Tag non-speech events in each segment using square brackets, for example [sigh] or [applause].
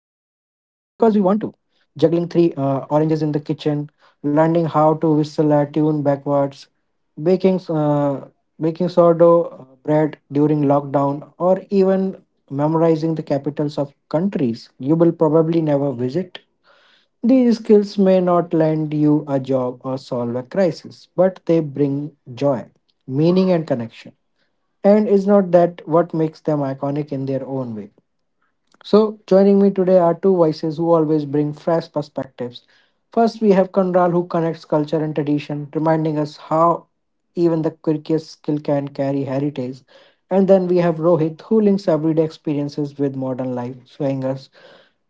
we want to juggling three oranges in the kitchen, learning how to whistle a tune backwards, baking uh, baking sourdough bread during lockdown, or even memorizing the capitals of countries you will probably never visit. These skills may not land you a job or solve a crisis, but they bring joy, meaning, and connection. And is not that what makes them iconic in their own way? So, joining me today are two voices who always bring fresh perspectives. First, we have Conral, who connects culture and tradition, reminding us how even the quirkiest skill can carry heritage. And then we have Rohit, who links everyday experiences with modern life, showing us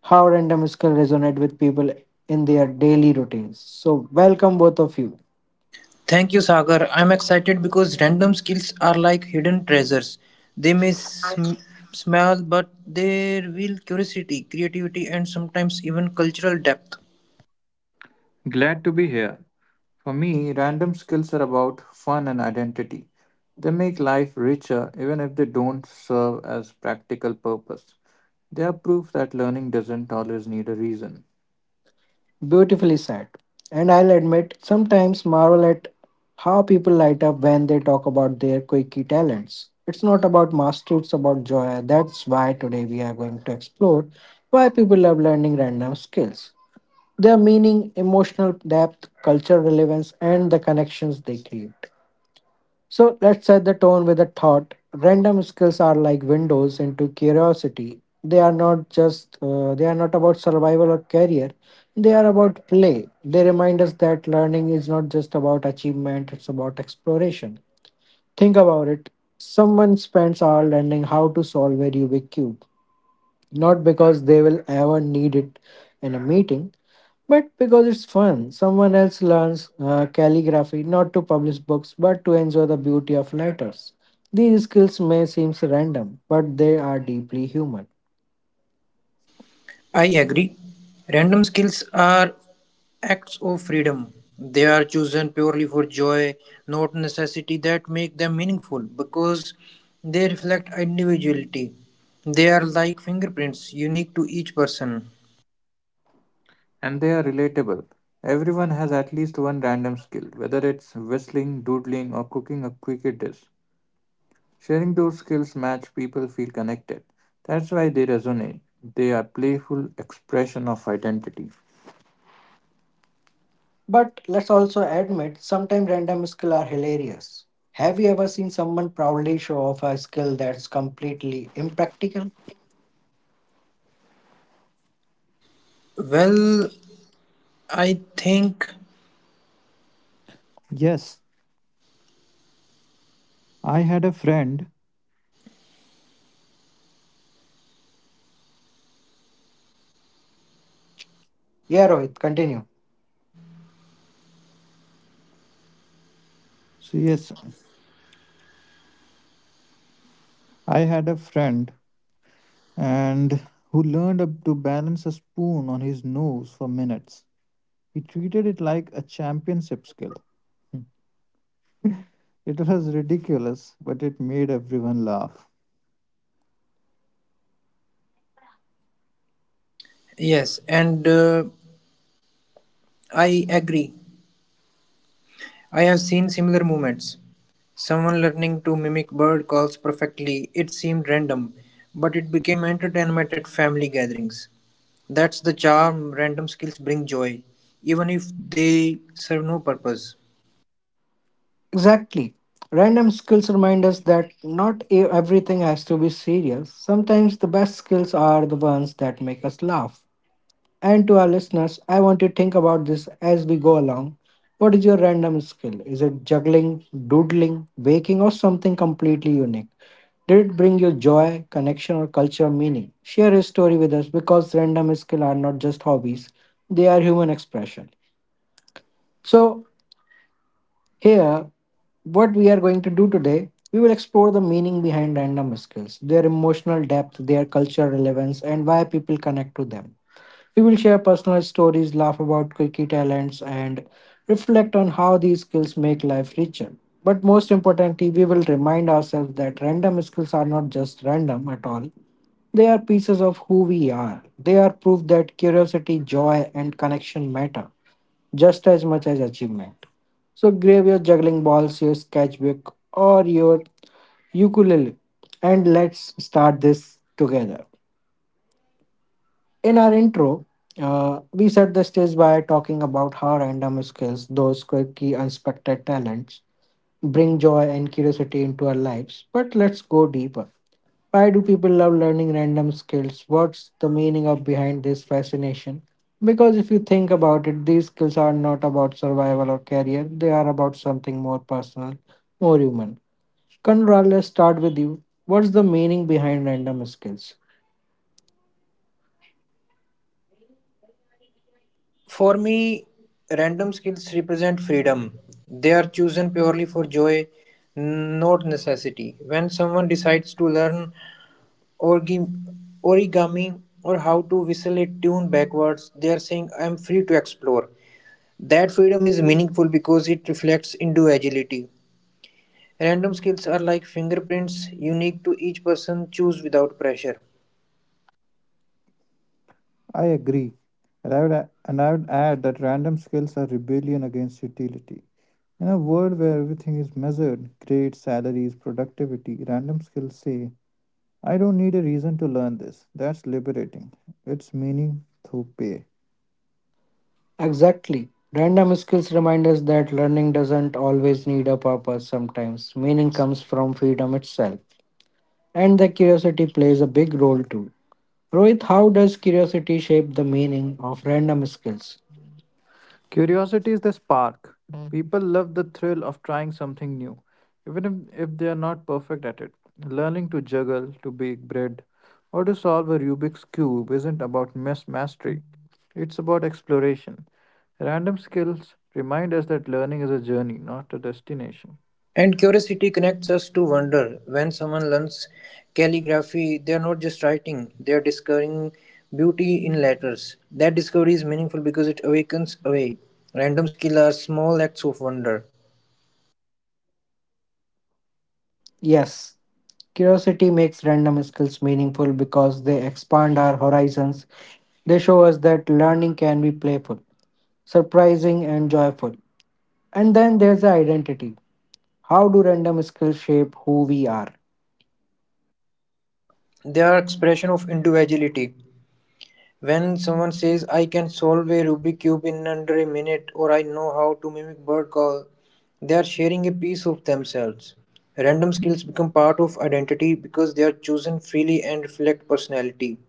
how random skill resonate with people in their daily routines. So, welcome both of you. Thank you, Sagar. I'm excited because random skills are like hidden treasures. They may smell, but they reveal curiosity, creativity, and sometimes even cultural depth. Glad to be here. For me, random skills are about fun and identity. They make life richer even if they don't serve as practical purpose. They are proof that learning doesn't always need a reason. Beautifully said. And I'll admit, sometimes marvel at how people light up when they talk about their quirky talents. It's not about mastery, it's about joy. That's why today we are going to explore why people love learning random skills, their meaning, emotional depth, cultural relevance, and the connections they create. So let's set the tone with a thought. Random skills are like windows into curiosity. They are not about survival or career. They are about play. They remind us that learning is not just about achievement, it's about exploration. Think about it. Someone spends hours learning how to solve a Rubik's cube. Not because they will ever need it in a meeting, but because it's fun. Someone else learns calligraphy not to publish books but to enjoy the beauty of letters. These skills may seem random, but they are deeply human. I agree. Random skills are acts of freedom. They are chosen purely for joy, not necessity, that make them meaningful because they reflect individuality. They are like fingerprints, unique to each person. And they are relatable. Everyone has at least one random skill, whether it's whistling, doodling, or cooking a cricket dish. Sharing those skills match people feel connected. That's why they resonate. They are playful expression of identity. But let's also admit sometimes random skills are hilarious. Have you ever seen someone proudly show off a skill that's completely impractical? Well, I think. Yes, I had a friend. Yeah, Rohit, continue. So yes, I had a friend and who learned up to balance a spoon on his nose for minutes. He treated it like a championship skill. It was ridiculous, but it made everyone laugh. Yes, and I agree. I have seen similar movements. Someone learning to mimic bird calls perfectly. It seemed random, but it became entertainment at family gatherings. That's the charm random skills bring joy, even if they serve no purpose. Exactly. Random skills remind us that not e- everything has to be serious. Sometimes the best skills are the ones that make us laugh. And to our listeners, I want you to think about this as we go along. What is your random skill? Is it juggling, doodling, baking, or something completely unique? Did it bring you joy, connection, or cultural meaning? Share a story with us because random skills are not just hobbies, they are human expression. So, here, what we are going to do today, we will explore the meaning behind random skills, their emotional depth, their cultural relevance, and why people connect to them. We will share personal stories, laugh about quirky talents, and reflect on how these skills make life richer. But most importantly, we will remind ourselves that random skills are not just random at all. They are pieces of who we are. They are proof that curiosity, joy, and connection matter just as much as achievement. So grab your juggling balls, your sketchbook, or your ukulele, and let's start this together. In our intro, we set the stage by talking about how random skills, those quirky, unexpected talents, bring joy and curiosity into our lives. But let's go deeper. Why do people love learning random skills? What's the meaning of behind this fascination? Because if you think about it, these skills are not about survival or career. They are about something more personal, more human. Conrad, let's start with you. What's the meaning behind random skills? For me, random skills represent freedom. They are chosen purely for joy, not necessity. When someone decides to learn origami, origami or how to whistle a tune backwards. They are saying, I'm free to explore. That freedom is meaningful because it reflects into agility. Random skills are like fingerprints, unique to each person, choose without pressure. I agree. And I would add that random skills are rebellion against utility. In a world where everything is measured, grades, salaries, productivity, random skills say, I don't need a reason to learn this. That's liberating. It's meaning through pay. Exactly. Random skills remind us that learning doesn't always need a purpose sometimes. Meaning comes from freedom itself. And the curiosity plays a big role too. Rohit, how does curiosity shape the meaning of random skills? Curiosity is the spark. People love the thrill of trying something new, even if they are not perfect at it. Learning to juggle, to bake bread, or to solve a Rubik's Cube isn't about mass mastery, it's about exploration. Random skills remind us that learning is a journey, not a destination. And curiosity connects us to wonder. When someone learns calligraphy, they are not just writing, they are discovering beauty in letters. That discovery is meaningful because it awakens away. Random skills are small acts of wonder. Yes, curiosity makes random skills meaningful because they expand our horizons. They show us that learning can be playful, surprising, and joyful. And then there's the identity. How do random skills shape who we are? They are expression of individuality. When someone says, I can solve a Rubik's Cube in under a minute, or I know how to mimic bird call, they are sharing a piece of themselves. Random skills become part of identity because they are chosen freely and reflect personality.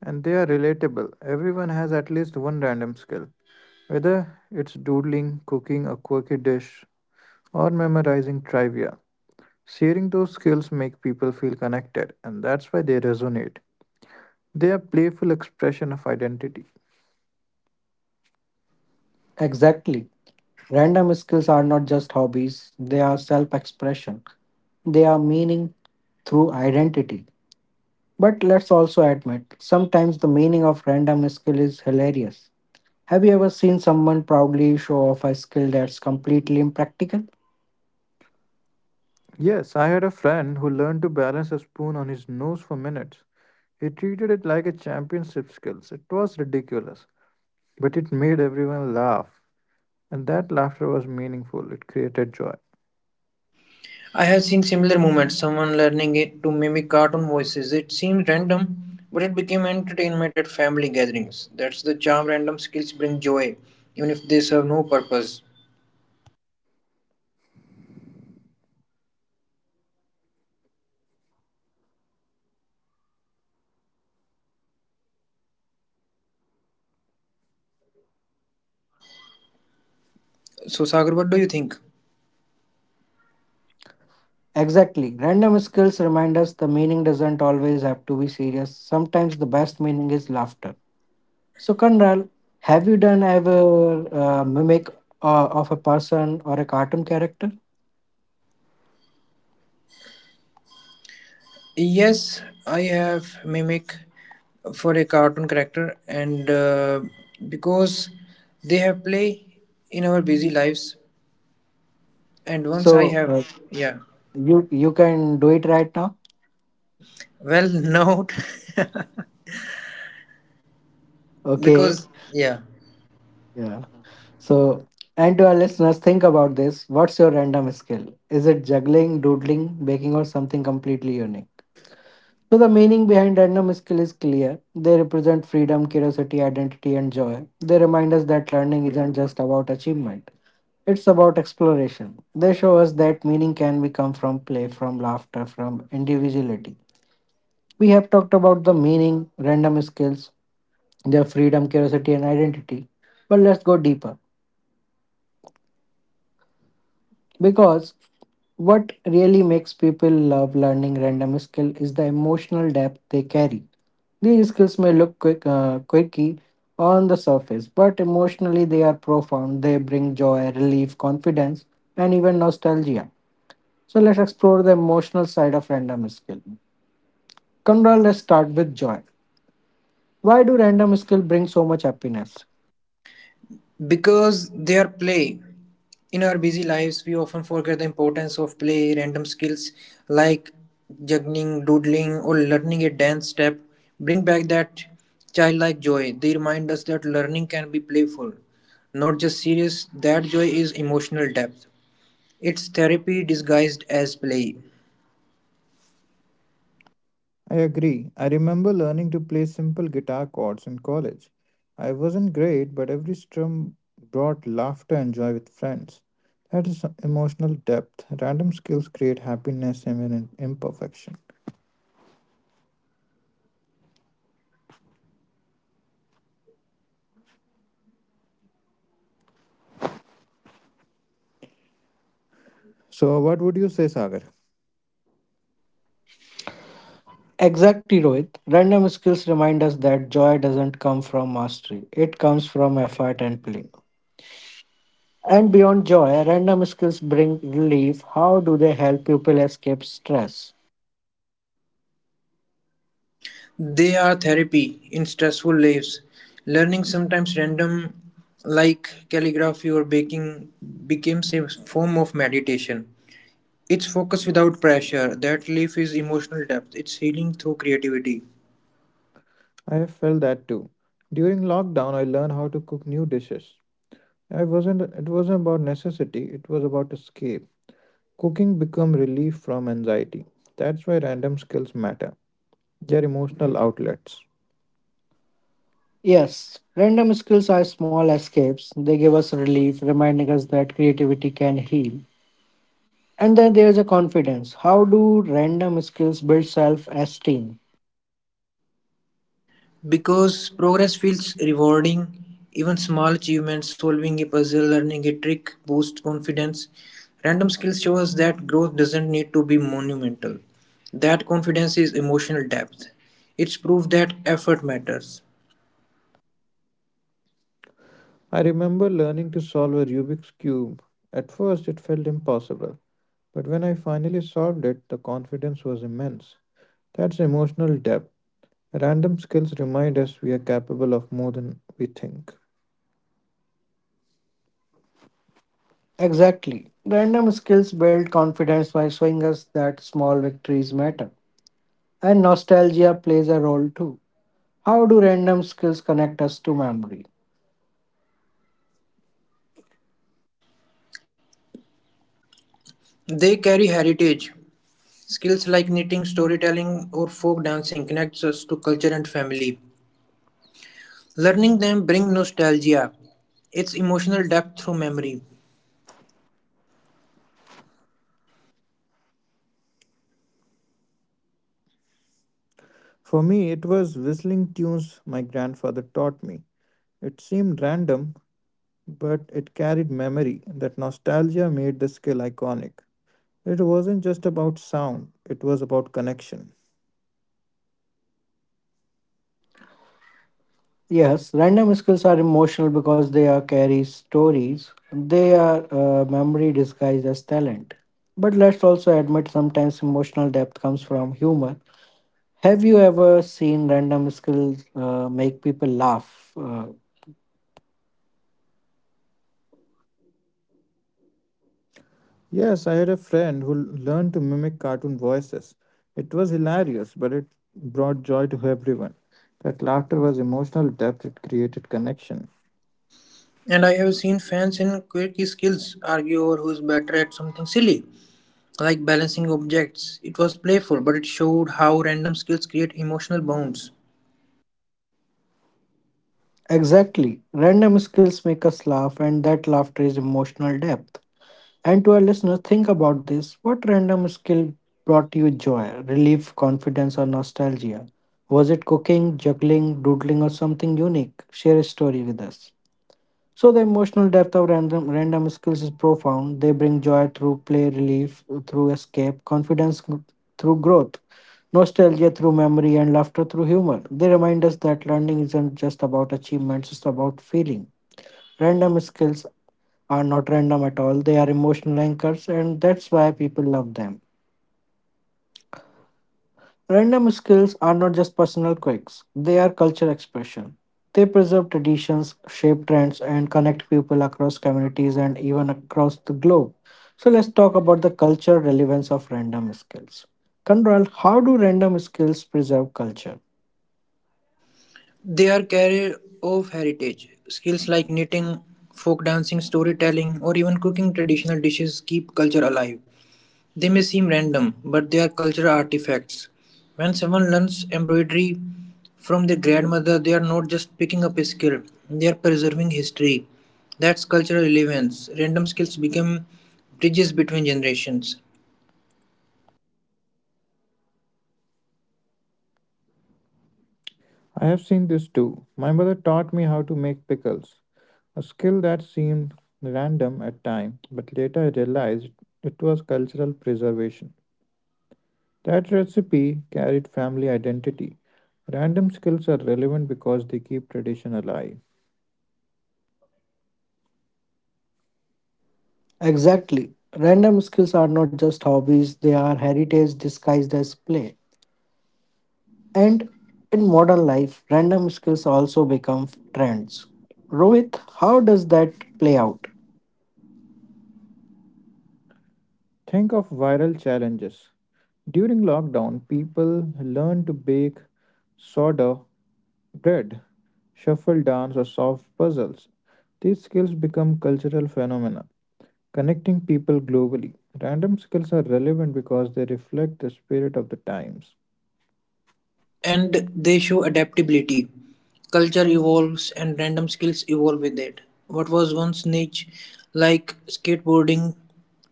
And they are relatable. Everyone has at least one random skill, whether it's doodling, cooking a quirky dish, or memorizing trivia. Sharing those skills make people feel connected, and that's why they resonate. They are playful expression of identity. Exactly. Random skills are not just hobbies, they are self expression, they are meaning through identity. But let's also admit, sometimes the meaning of random skill is hilarious. Have you ever seen someone proudly show off a skill that's completely impractical? Yes, I had a friend who learned to balance a spoon on his nose for minutes. He treated it like a championship skills. It was ridiculous, but it made everyone laugh, and that laughter was meaningful. It created joy. I have seen similar moments, someone learning it to mimic cartoon voices. It seemed random, but it became entertainment at family gatherings. That's the charm random skills bring joy, even if they serve no purpose. So, Sagar, what do you think? Exactly. Random skills remind us the meaning doesn't always have to be serious. Sometimes the best meaning is laughter. So, Kanral, have you done ever mimic of a person or a cartoon character? Yes, I have mimic for a cartoon character, and because they have play in our busy lives, and once I So, have, yeah, you can do it right now. well, [laughs] no, [laughs] Okay. because yeah. Yeah. So, and to our listeners, think about this. What's your random skill? Is it juggling, doodling, baking, or something completely unique? So, the meaning behind random skill is clear. They represent freedom, curiosity, identity, and joy. They remind us that learning isn't just about achievement, it's about exploration. They show us that meaning can be come from play, from laughter, from individuality. We have talked about the meaning, random skills, their freedom, curiosity, and identity. But let's go deeper. Because what really makes people love learning random skill is the emotional depth they carry. These skills may look quirky on the surface, but emotionally they are profound. They bring joy, relief, confidence, and even nostalgia. So let's explore the emotional side of random skill. Conrad, let's start with joy. Why do random skill bring so much happiness? Because they are play. In our busy lives, we often forget the importance of play. Random skills like juggling, doodling, or learning a dance step bring back that childlike joy. They remind us that learning can be playful, not just serious. That joy is emotional depth. It's therapy disguised as play. I agree. I remember learning to play simple guitar chords in college. I wasn't great, but every strum brought laughter and joy with friends. That is emotional depth. Random skills create happiness even in imperfection. So, what would you say, Sagar? Exactly, Rohit. Random skills remind us that joy doesn't come from mastery, it comes from effort and play. And beyond joy, random skills bring relief. How do they help people escape stress? They are therapy in stressful lives. Learning sometimes random, like calligraphy or baking, becomes a form of meditation. It's focus without pressure. That relief is emotional depth. It's healing through creativity. I have felt that too. During lockdown, I learned how to cook new dishes. I wasn't. It wasn't about necessity. It was about escape. Cooking become relief from anxiety. That's why random skills matter. They're emotional outlets. Yes, random skills are small escapes. They give us relief, reminding us that creativity can heal. And then there's a confidence. How do random skills build self esteem? Because progress feels rewarding, even small achievements, solving a puzzle, learning a trick, boost confidence. Random skills show us that growth doesn't need to be monumental. That confidence is emotional depth. It's proof that effort matters. I remember learning to solve a Rubik's Cube. At first, it felt impossible, but when I finally solved it, the confidence was immense. That's emotional depth. Random skills remind us we are capable of more than we think. Exactly. Random skills build confidence by showing us that small victories matter. And nostalgia plays a role too. How do random skills connect us to memory? They carry heritage. Skills like knitting, storytelling, or folk dancing connects us to culture and family. Learning them bring nostalgia. It's emotional depth through memory. For me, it was whistling tunes my grandfather taught me. It seemed random, but it carried memory. That nostalgia made the skill iconic. It wasn't just about sound, it was about connection. Yes, random skills are emotional because they are carry stories. They are Memory disguised as talent. But let's also admit sometimes emotional depth comes from humor. Have you ever seen random skills make people laugh? Uh, Yes, I had a friend who learned to mimic cartoon voices. It was hilarious, but it brought joy to everyone. That laughter was emotional depth, it created connection. And I have seen fans in quirky skills argue over who is better at something silly, like balancing objects. It was playful, but it showed how random skills create emotional bonds. exactly. Random skills make us laugh, and that laughter is emotional depth. And to our listeners, think about this. What random skill brought you joy, relief, confidence, or nostalgia? Was it cooking, juggling, doodling, or something unique? Share a story with us. So the emotional depth of random skills is profound. They bring joy through play, relief through escape, through growth, nostalgia through memory, and laughter through humor. They remind us that learning isn't just about achievements; it's about feeling. Random skills are not random at all. They are emotional anchors, and that's why people love them. Random skills are not just personal quirks, they are culture expression. They preserve traditions, shape trends, and connect people across communities and even across the globe. So let's talk about the cultural relevance of random skills. Conrad, how do random skills preserve culture? They are carrier of heritage. Skills like knitting, folk dancing, storytelling, or even cooking traditional dishes keep culture alive. They may seem random, but they are cultural artifacts. When someone learns embroidery from their grandmother, they are not just picking up a skill, they are preserving history. That's cultural relevance. Random skills become bridges between generations. I have seen this too. My mother taught me how to make pickles, a skill that seemed random at time, but later I realized it was cultural preservation. That recipe carried family identity. Random skills are relevant because they keep tradition alive. Exactly. Random skills are not just hobbies, they are heritage disguised as play. And in modern life, random skills also become trends. Rohit, how does that play out? Think of viral challenges. During lockdown, people learned to bake sourdough bread, shuffle dance, or solve puzzles. These skills become cultural phenomena, connecting people globally. Random skills are relevant because they reflect the spirit of the times. And they show adaptability. Culture evolves and random skills evolve with it. What was once niche, like skateboarding,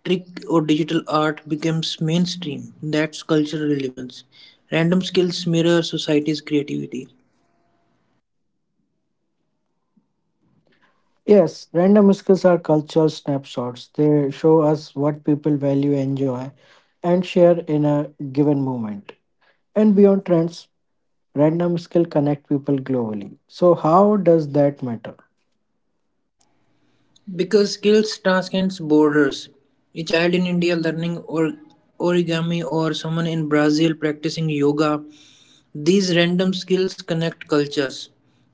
trick, or digital art, becomes mainstream. That's cultural relevance. Random skills mirror society's creativity. Yes, random skills are cultural snapshots. They show us what people value, enjoy, and share in a given moment. And beyond trends, random skill connect people globally. So how does that matter? Because skills transcends borders. A child in India learning or origami or someone in Brazil practicing yoga, these random skills connect cultures.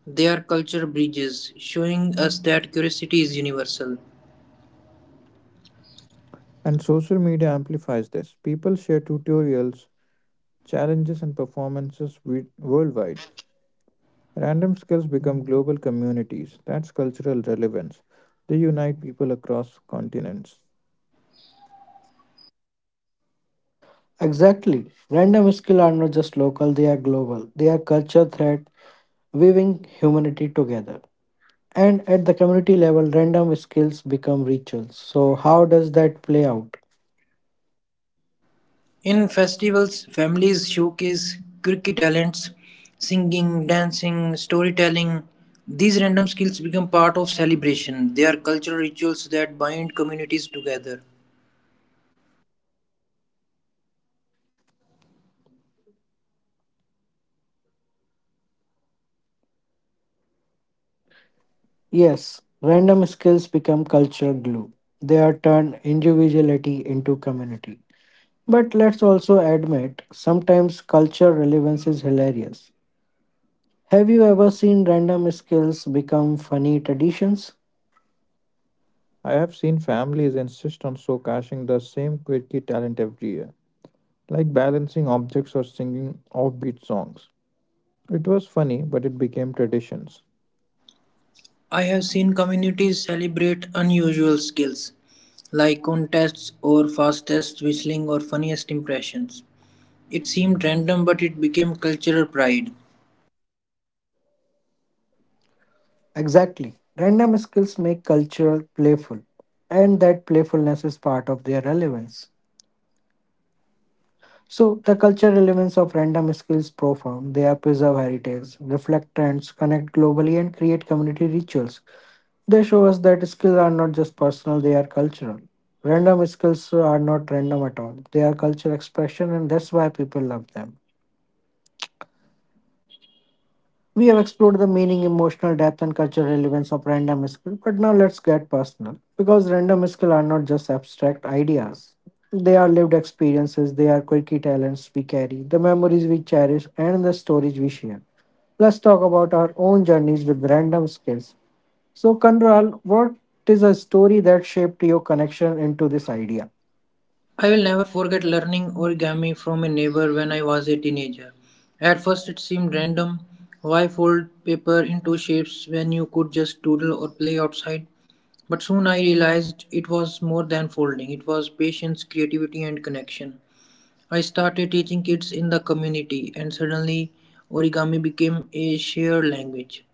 They are culture bridges, showing us that curiosity is universal. And social media amplifies this. People share tutorials, challenges, and worldwide. Random skills become global communities. That's cultural relevance. They unite people across continents. Exactly. Random skill are not just local, they are global. They are culture thread weaving humanity together. And at the community level, random skills become rituals. So how does that play out? In festivals, families showcase quirky talents, singing, dancing, storytelling. These random skills become part of celebration. They are cultural rituals that bind communities together. Yes, random skills become culture glue. They are turned individuality into community. But let's also admit, sometimes culture relevance is hilarious. Have you ever seen random skills become funny traditions? I have seen families insist on so caching the same quirky talent every year, like balancing objects or singing offbeat songs. It was funny, but it became traditions. I have seen communities celebrate unusual skills like contests or fastest whistling or funniest impressions. It seemed random but it became cultural pride. Exactly. Random skills make culture playful, and that playfulness is part of their relevance. So the cultural relevance of random skills is profound. They are preserve heritage, reflect trends, connect globally, and create community rituals. They show us that skills are not just personal, they are cultural. Random skills are not random at all. They are cultural expression and that's why people love them. We have explored the meaning, emotional depth, and cultural relevance of random skill, but now let's get personal. Because random skill are not just abstract ideas, they are lived experiences, they are quirky talents we carry, the memories we cherish, and the stories we share. Let's talk about our own journeys with random skills. So, Kanral, what is a story that shaped your connection into this idea? I will never forget learning origami from a neighbor when I was a teenager. At first it seemed random. Why fold paper into shapes when you could just doodle or play outside? But soon I realized it was more than folding. It was patience, creativity and connection. I started teaching kids in the community, and suddenly origami became a shared language.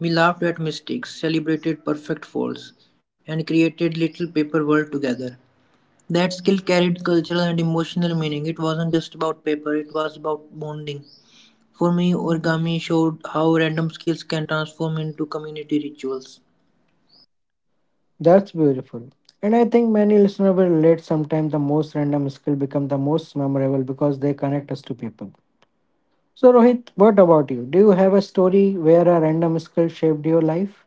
We laughed at mistakes, celebrated perfect folds, and created little paper world together. That skill carried cultural and emotional meaning. It wasn't just about paper, it was about bonding. For me, origami showed how random skills can transform into community rituals. That's beautiful. And I think many listeners will relate sometimes the most random skill become the most memorable because they connect us to people. So, Rohit, what about you? Do you have a story where a random skill shaped your life?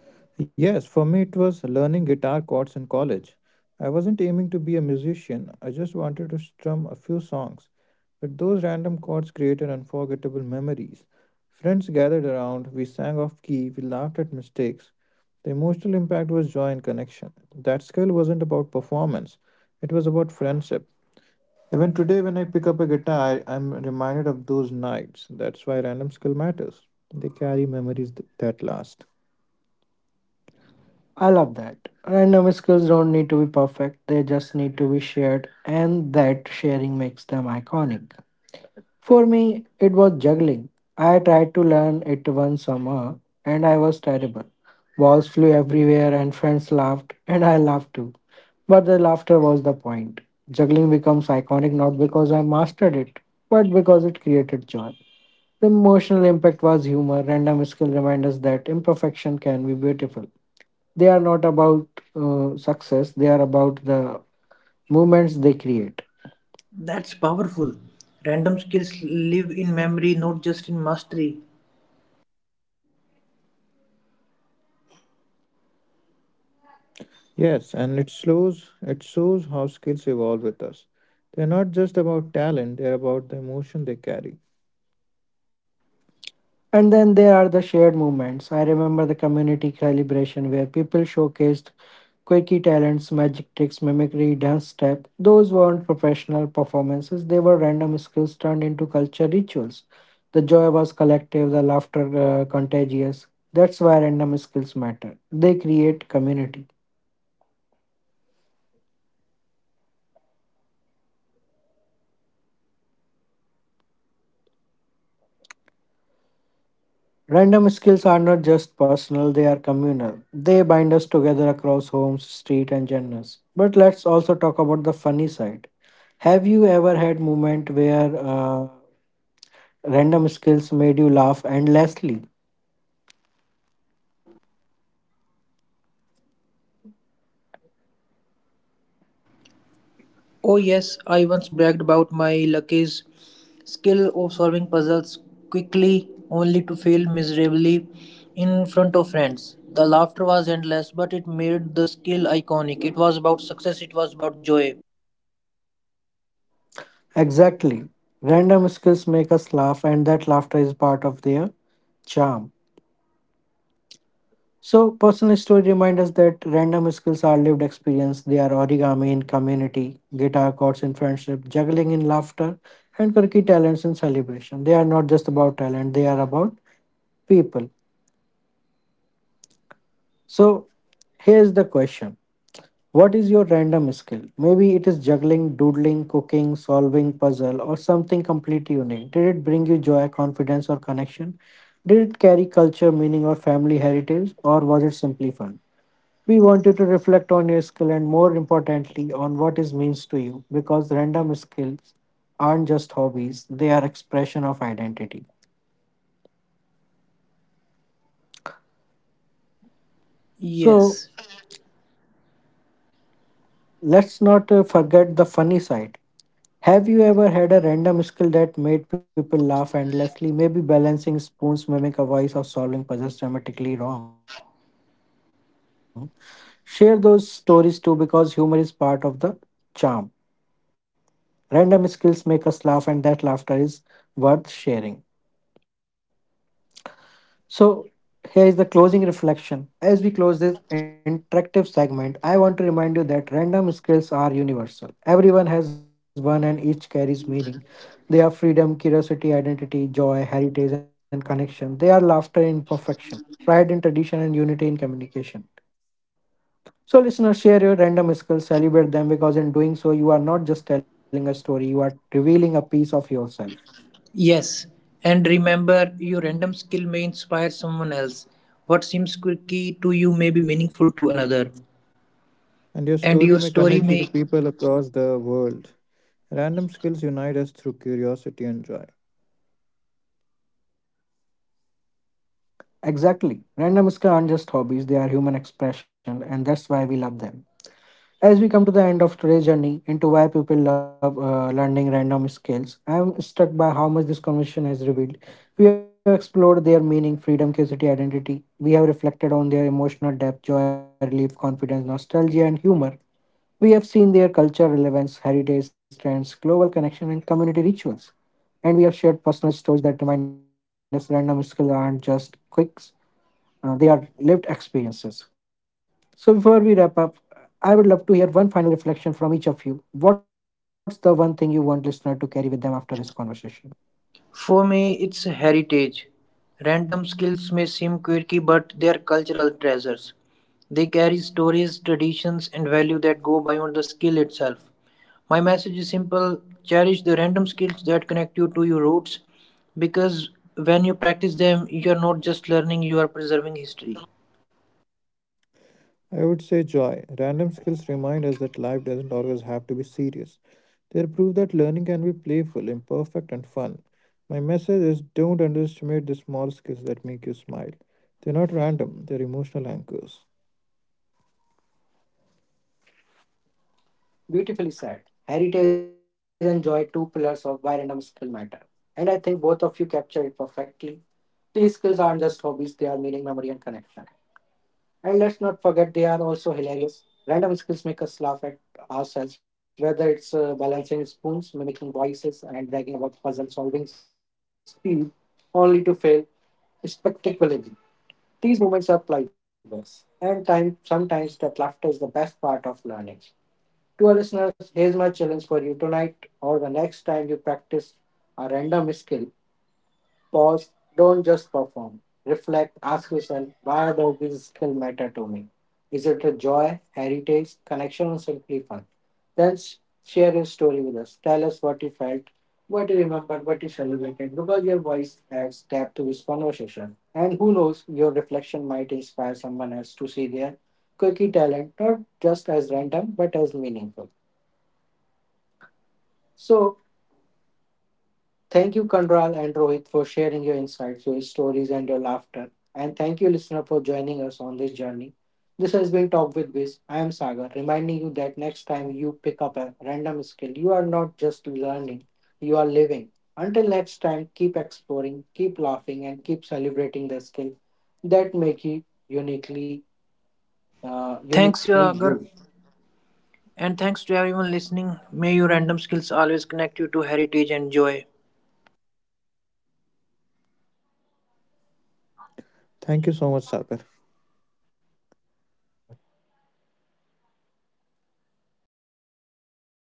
Yes, for me it was learning guitar chords in college. I wasn't aiming to be a musician, I just wanted to strum a few songs. But those random chords created unforgettable memories. Friends gathered around, we sang off key, we laughed at mistakes. The emotional impact was joy and connection. That skill wasn't about performance, it was about friendship. Even today, when I pick up a guitar, I'm reminded of those nights. That's why random skill matters. They carry that last. I love that. Random skills don't need to be perfect, they just need to be shared, and that sharing makes them iconic. For me, it was juggling. I tried to learn it one summer, and I was terrible. Balls flew everywhere, and friends laughed, and I laughed too. But the laughter was the point. Juggling becomes iconic not because I mastered it, but because it created joy. The emotional impact was humor. Random a skill remind us that imperfection can be beautiful. They are not about success, they are about the moments they create. That's powerful. Random skills live in memory, not just in mastery. Yes, and it shows how skills evolve with us. They're not just about talent, they're about the emotion they carry. And then there are the shared moments. I remember the community calibration where people showcased quirky talents, magic tricks, mimicry, dance step. Those weren't professional performances, they were random skills turned into culture rituals. The joy was collective, the laughter contagious. That's why random skills matter. They create community. Random skills are not just personal, they are communal. They bind us together across homes, street and genders. But let's also talk about the funny side. Have you ever had moment where random skills made you laugh endlessly? Oh, yes, I once bragged about my Lucky's skill of solving puzzles quickly, only to fail miserably in front of friends. The laughter was endless, but it made the skill iconic. It was about success, it was about joy. Exactly. Random skills make us laugh and that laughter is part of their charm. So, personal story remind us that random skills are lived experience. They are origami in community, guitar chords in friendship, juggling in laughter, and quirky talents in celebration. They are not just about talent, they are about people. So, here's the question. What is your random skill? Maybe it is juggling, doodling, cooking, solving puzzle, or something completely unique. Did it bring you joy, confidence, or connection? Did it carry culture, meaning, or family heritage, or was it simply fun? We want you to reflect on your skill and, more importantly, on what it means to you because random skills aren't just hobbies, they are expression of identity. So, Yes, let's not forget the funny side. Have you ever had a random skill that made people laugh endlessly? Maybe balancing spoons, mimic a voice, or solving puzzles dramatically wrong. Share those stories too because humor is part of the charm. Random skills make us laugh, and that laughter is worth sharing. So, here is the closing reflection. As we close this interactive segment, I want to remind you that random skills are universal. Everyone has one and each carries meaning. They are freedom, curiosity, identity, joy, heritage, and connection. They are laughter in perfection, pride in tradition, and unity in communication. So, listeners, share your random skills, celebrate them because in doing so, you are not just telling a story, you are revealing a piece of yourself. yes. And remember, your random skill may inspire someone else. What seems quirky to you may be meaningful to another. And your story may And connect your you to story people may. across the world. Random skills unite us through curiosity and joy. Exactly. Randoms aren't just hobbies, they are human expression, and that's why we love them. As we come to the end of today's journey into why people love learning random skills, I am struck by how much this conversation has revealed. We have explored their meaning, freedom, curiosity, identity. We have reflected on their emotional depth, joy, relief, confidence, nostalgia, and humor. We have seen their culture relevance, heritage trends, global connection, and community rituals. And we have shared personal stories that remind us random skills aren't just quirks, they are lived experiences. So, before we wrap up, I would love to hear one final reflection from each of you. What's the one thing you want listener to carry with them after this conversation? For me, it's heritage. Random skills may seem quirky, but they are cultural treasures. They carry stories, traditions, and value that go beyond the skill itself. My message is simple, cherish the random skills that connect you to your roots because when you practice them, you are not just learning, you are preserving history. I would say joy. Random skills remind us that life doesn't always have to be serious. They prove that learning can be playful, imperfect, and fun. My message is don't underestimate the small skills that make you smile. They're not random, they're emotional anchors. Beautifully said. Heritage and joy, two pillars of why random skill matter. And I think both of you captured it perfectly. These skills aren't just hobbies, they are meaning, memory, and connection. And let's not forget they are also hilarious. Random skills make us laugh at ourselves, whether it's balancing spoons, mimicking voices, and bragging about puzzle solving speed, only to fail spectacularly. These moments are priceless, and time, sometimes that laughter is the best part of learning. To our listeners, here's my challenge for you tonight or the next time you practice a random skill. Pause, don't just perform. Reflect, ask yourself, why does this skill matter to me? Is it a joy, heritage, connection, or simply fun? Then share your story with us. Tell us what you felt, what you remembered, what you celebrated, because your voice adds depth to this conversation. And who knows, your reflection might inspire someone else to see their quirky talent, not just as random, but as meaningful. So, thank you, Kandral and Rohit, for sharing your insights, your stories, and your laughter. And thank you, listener, for joining us on this journey. This has been Talk with Biz. I am Sagar, reminding you that next time you pick up a random skill, you are not just learning, you are living. Until next time, keep exploring, keep laughing, and keep celebrating the skill that make you uniquely, Thanks, uniquely Yagar, you. and thanks to everyone listening. May your random skills always connect you to heritage and joy. Thank you so much, Sagar.